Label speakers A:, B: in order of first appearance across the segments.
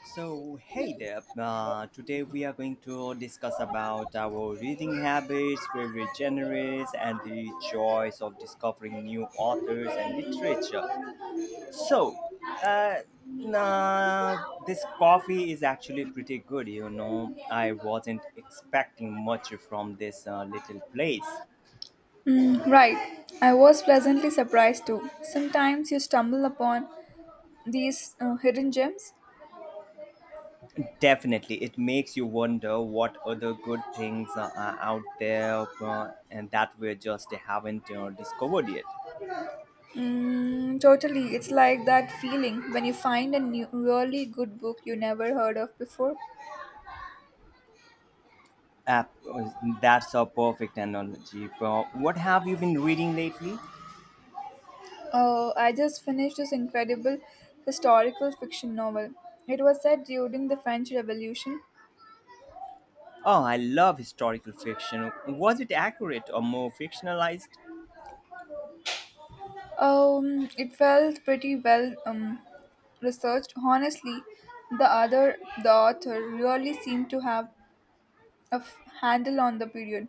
A: So, hey there. Today we are going to discuss about our reading habits, favorite genres, and the joys of discovering new authors and literature. So, uh, nah, this coffee is actually pretty good. You know, I wasn't expecting much from this little place.
B: Mm, right. I was pleasantly surprised too. Sometimes you stumble upon these hidden gems.
A: Definitely, it makes you wonder what other good things are out there, and that we just haven't discovered yet.
B: Mm, totally. It's like that feeling when you find a new, really good book you never heard of before.
A: App, that's a perfect analogy. But what have you been reading lately?
B: Oh, I just finished this incredible historical fiction novel. It was set during the French Revolution.
A: Oh, I love historical fiction. Was it accurate or more fictionalized?
B: It felt pretty well researched. Honestly, the other the author really seemed to have a handle on the period.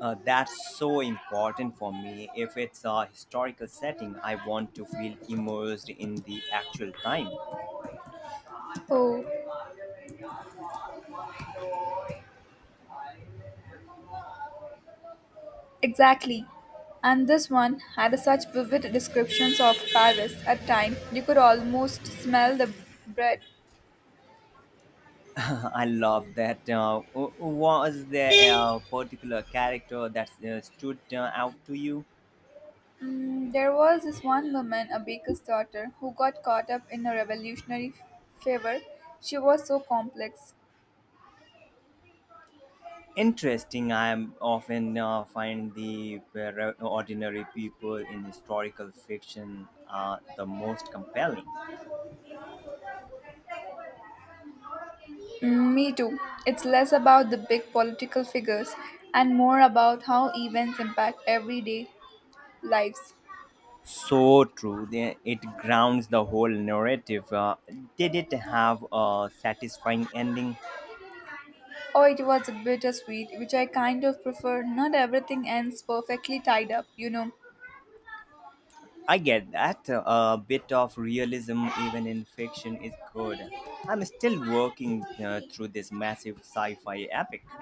A: That's so important for me. If it's a historical setting, I want to feel immersed in the actual time.
B: Oh, exactly. And this one had such vivid descriptions of Paris at time you could almost smell the bread.
A: I love that. Was there a particular character that stood out to you?
B: Mm, there was this one woman, a baker's daughter, who got caught up in a revolutionary fever. She was so complex.
A: Interesting. I am often find the ordinary people in historical fiction, the most compelling.
B: Mm, me too. It's less about the big political figures and more about how events impact everyday lives.
A: So true. It grounds the whole narrative. Did it have a satisfying ending?
B: Oh, it was a bittersweet, which I kind of prefer. Not everything ends perfectly tied up, you know.
A: I get that. A bit of realism, even in fiction, is good. I'm still working through this massive sci fi epic.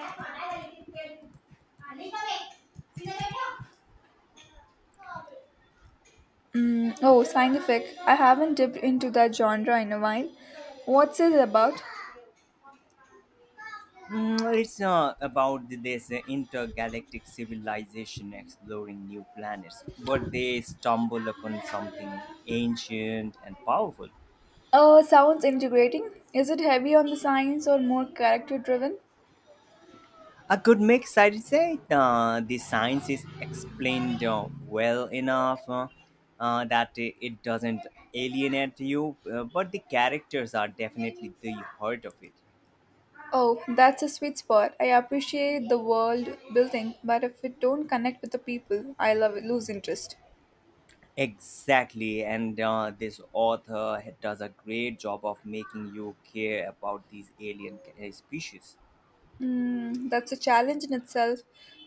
B: Mm, oh, scientific. I haven't dipped into that genre in a while. What's it about?
A: It's about this intergalactic civilization exploring new planets, but they stumble upon something ancient and powerful.
B: Sounds integrating. Is it heavy on the science or more character driven?
A: A good mix, I'd say. The science is explained well enough, that it doesn't alienate you, but the characters are definitely the heart of it.
B: Oh, that's a sweet spot. I appreciate the world building, but if it don't connect with the people, I love lose interest.
A: Exactly, and this does a great job of making you care about these alien species.
B: Mm, that's a challenge in itself,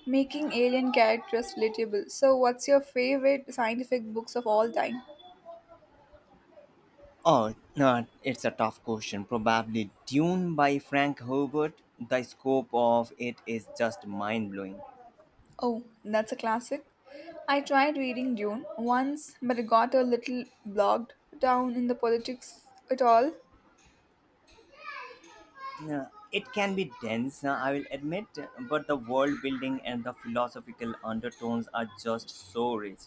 B: making alien characters relatable. So, what's your favorite scientific books of all time?
A: Oh, no, it's a tough question. Probably Dune by Frank Herbert. The scope of it is just mind blowing.
B: Oh, that's a classic. I tried reading Dune once, but it got a little bogged down in the politics at all.
A: Yeah, it can be dense, I will admit, but the world building and the philosophical undertones are just so rich.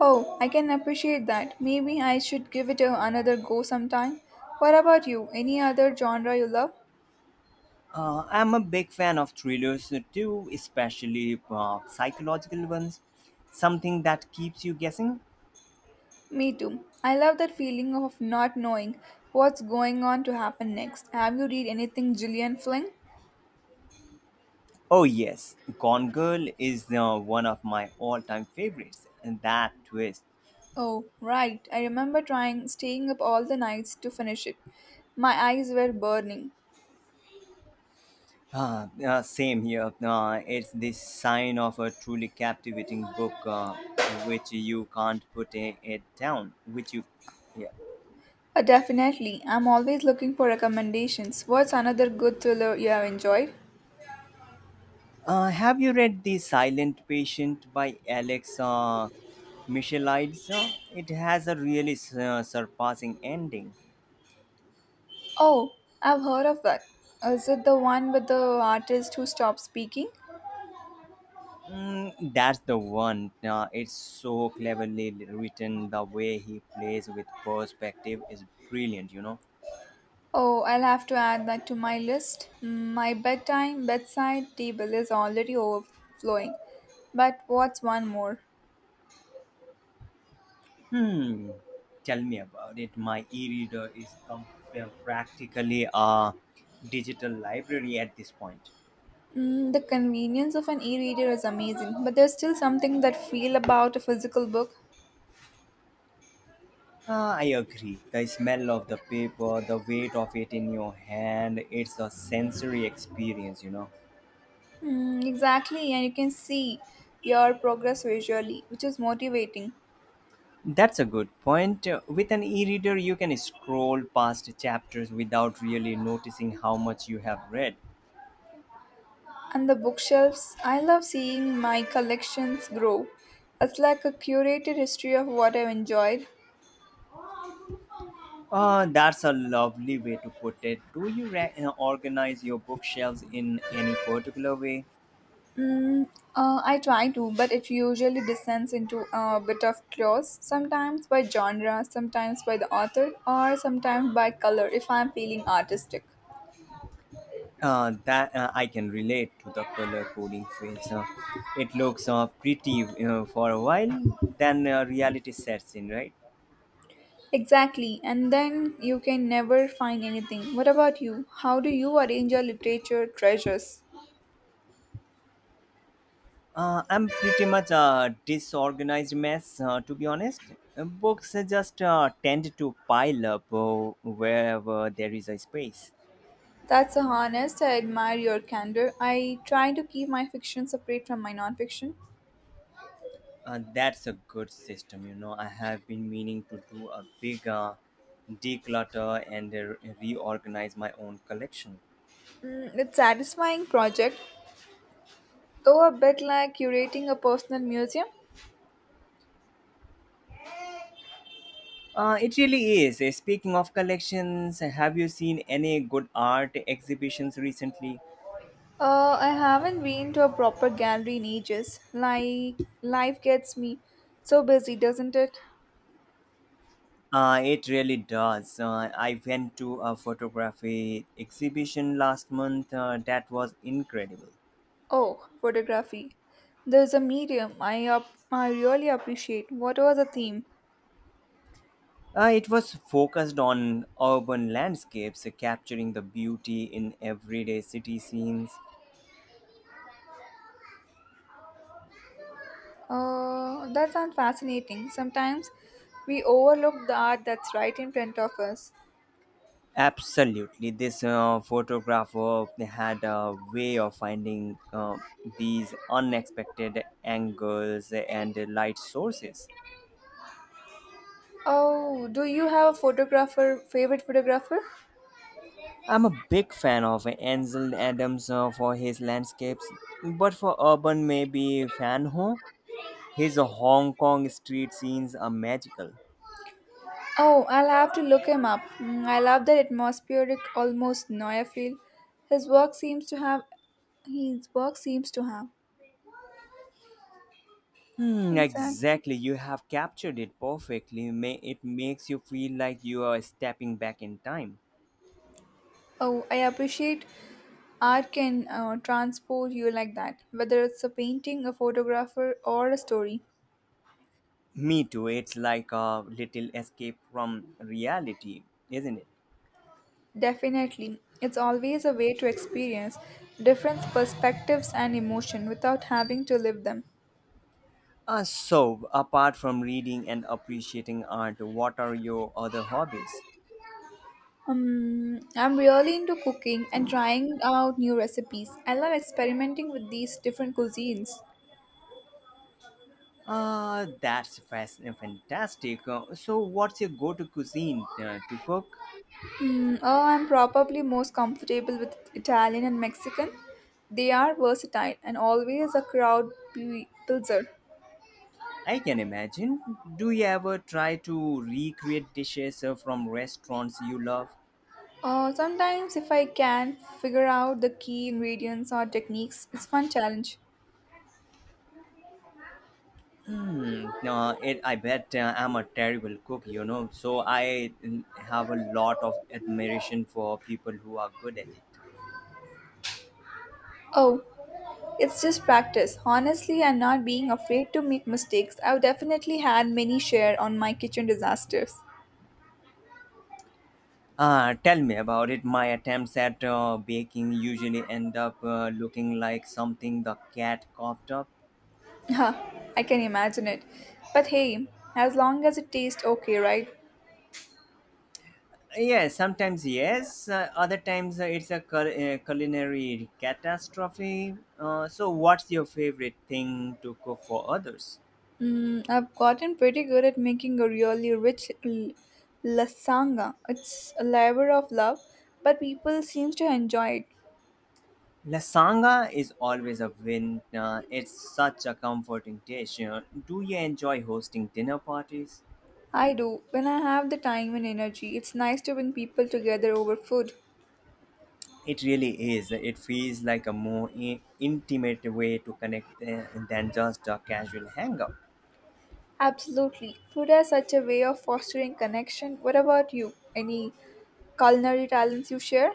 B: Oh, I can appreciate that. Maybe I should give it another go sometime. What about you? Any other genre you love?
A: I'm a big fan of thrillers too, especially psychological ones. Something that keeps you guessing.
B: Me too. I love that feeling of not knowing what's going on to happen next. Have you read anything Gillian Flynn?
A: Oh, yes, Gone Girl is one of my all time favorites. And that twist.
B: Oh, right. I remember trying staying up all the nights to finish it. My eyes were burning.
A: Same here. It's the sign of a truly captivating book, which you can't it down. Yeah.
B: Definitely. I'm always looking for recommendations. What's another good thriller you have enjoyed?
A: Have you read The Silent Patient by Alex Michelides? It has a really surpassing ending.
B: Oh, I've heard of that. Is it the one with the artist who stopped speaking?
A: That's the one. It's so cleverly written. The way he plays with perspective is brilliant, you know.
B: Oh, I'll have to add that to my list. Mm, my bedtime bedside table is already overflowing. But what's one more?
A: Hmm. Tell me about it. My e reader is practically a digital library at this point.
B: Mm, the convenience of an e-reader is amazing, but there's still something that feel about a physical book.
A: Ah, I agree. The smell of the paper, the weight of it in your hand, it's a sensory experience, you know.
B: Mm, exactly, and you can see your progress visually, which is motivating.
A: That's a good point. With an e reader, you can scroll past chapters without really noticing how much you have read.
B: And the bookshelves. I love seeing my collections grow. It's like a curated history of what I've enjoyed.
A: Ah, that's a lovely way to put it. Do you organize your bookshelves in any particular way?
B: Mm, I try to, but it usually descends into a bit of chaos, sometimes by genre, sometimes by the author, or sometimes by color if I'm feeling artistic.
A: That I can relate to the color coding phase. It looks pretty, for a while, then reality sets in, right?
B: Exactly, and then you can never find anything. What about you? How do you arrange your literature treasures?
A: I'm pretty much a disorganized mess, to be honest. Books just tend to pile up wherever there is a space.
B: That's honest. I admire your candor. I try to keep my fiction separate from my nonfiction.
A: That's a good system, you know. I have been meaning to do a big declutter and reorganize my own collection.
B: Mm, it's satisfying project, though a bit like curating a personal museum.
A: It really is. Speaking of collections, have you seen any good art exhibitions recently?
B: I haven't been to a proper gallery in ages. Like life gets me so busy, doesn't it?
A: It really does. I went to a photography exhibition last month that was incredible.
B: Oh, photography. There's a medium I really appreciate. What was the theme?
A: It was focused on urban landscapes, capturing the beauty in everyday city scenes.
B: That sounds fascinating. Sometimes we overlook the art that's right in front of us.
A: Absolutely. This photographer had a way of finding these unexpected angles and light sources.
B: Oh, do you have favorite photographer?
A: I'm a big fan of Ansel Adams for his landscapes, but for urban maybe Van Ho. His Hong Kong street scenes are magical.
B: Oh, I'll have to look him up. Mm, I love that atmospheric, almost noir feel. His work seems to have, his work seems to have.
A: Hmm,
B: Exactly.
A: exactly, you have captured it perfectly. It makes you feel like you are stepping back in time.
B: Oh, I appreciate art can transport you like that, whether it's a painting, a photographer, or a story.
A: Me too, it's like a little escape from reality, isn't it?
B: Definitely. It's always a way to experience different perspectives and emotion without having to live them.
A: So, apart from reading and appreciating art, what are your other hobbies?
B: I'm really into cooking and trying out new recipes. I love experimenting with these different cuisines.
A: Fantastic. So, what's your go to cuisine to cook?
B: Mm, oh, I'm probably most comfortable with Italian and Mexican. They are versatile and always a crowd pleaser.
A: I can imagine. Do you ever try to recreate dishes from restaurants you love?
B: Sometimes, if I can figure out the key ingredients or techniques, it's fun challenge.
A: Hmm. I bet, I'm a terrible cook, you know, so I have a lot of admiration for people who are good at it.
B: Oh, it's just practice. Honestly, I'm not being afraid to make mistakes. I've definitely had many share on my kitchen disasters.
A: Tell me about it. My attempts at baking usually end up looking like something the cat coughed up.
B: Huh, I can imagine it. But hey, as long as it tastes okay, right?
A: Yes, sometimes yes. Other times it's a culinary catastrophe. So, what's your favorite thing to cook for others?
B: Mm, I've gotten pretty good at making a really rich lasagna. It's a labor of love, but people seem to enjoy it.
A: Lasagna is always a win. It's such a comforting dish. You know. Do you enjoy hosting dinner parties?
B: I do. When I have the time and energy, it's nice to bring people together over food.
A: It really is. It feels like a more intimate way to connect than just a casual hangout.
B: Absolutely. Food has such a way of fostering connection. What about you? Any culinary talents you share?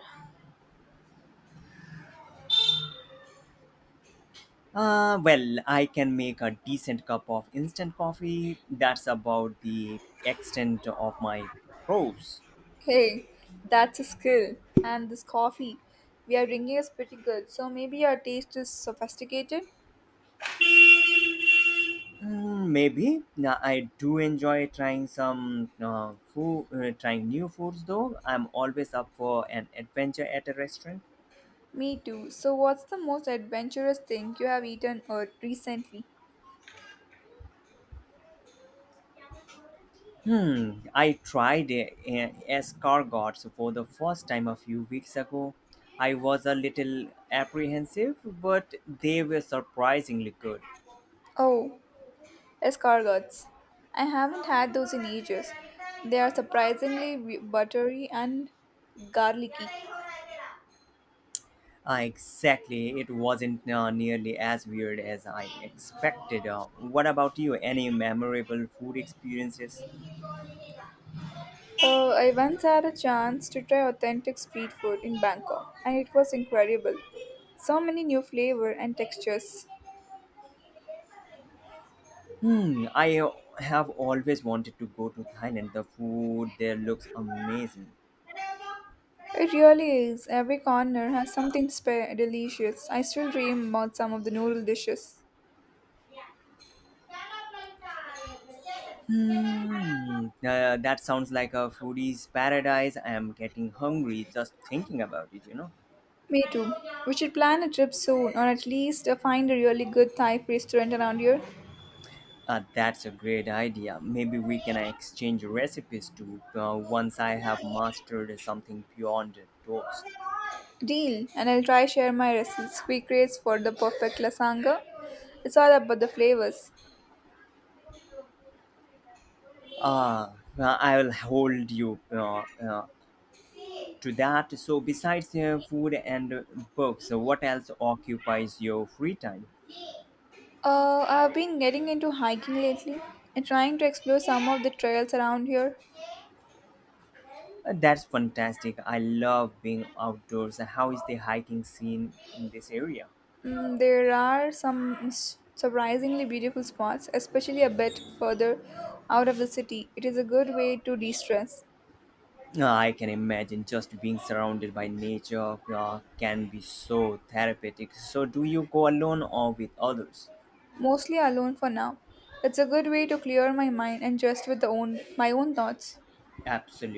A: Well, I can make a decent cup of instant coffee. That's about the extent of my pros.
B: Hey, that's a skill. And this coffee we are drinking is pretty good, so maybe your taste is sophisticated?
A: Maybe now, I do enjoy trying some trying new foods though. I'm always up for an adventure at a restaurant.
B: Me too. So, what's the most adventurous thing you have eaten or recently?
A: Hmm, I tried escargots for the first time a few weeks ago. I was a little apprehensive, but they were surprisingly good.
B: Oh, escargots. I haven't had those in ages. They are surprisingly buttery and garlicky.
A: Exactly. It wasn't nearly as weird as I expected. What about you? Any memorable food experiences?
B: I once had a chance to try authentic street food in Bangkok, and it was incredible. So many new flavor and textures.
A: Hmm, I have always wanted to go to Thailand. The food there looks amazing.
B: It really is. Every corner has something delicious. I still dream about some of the noodle dishes.
A: Hmm, that sounds like a foodie's paradise. I am getting hungry just thinking about it, you know.
B: Me too. We should plan a trip soon, or at least find a really good Thai restaurant around here.
A: That's a great idea. Maybe we can exchange recipes too, once I have mastered something beyond toast.
B: Deal, and I'll try share my recipes, secrets for the perfect lasagna. It's all about the flavors.
A: Ah, well, I will hold you to that. So, besides food and books, what else occupies your free time?
B: I've been getting into hiking lately and trying to explore some of the trails around here.
A: That's fantastic. I love being outdoors. How is the hiking scene in this area?
B: Mm, there are some surprisingly beautiful spots, especially a bit further out of the city. It is a good way to de stress,
A: I can imagine just being surrounded by nature can be so therapeutic. So, do you go alone or with others?
B: mostly alone for now. It's a good way to clear my mind and just my own thoughts.
A: Absolutely.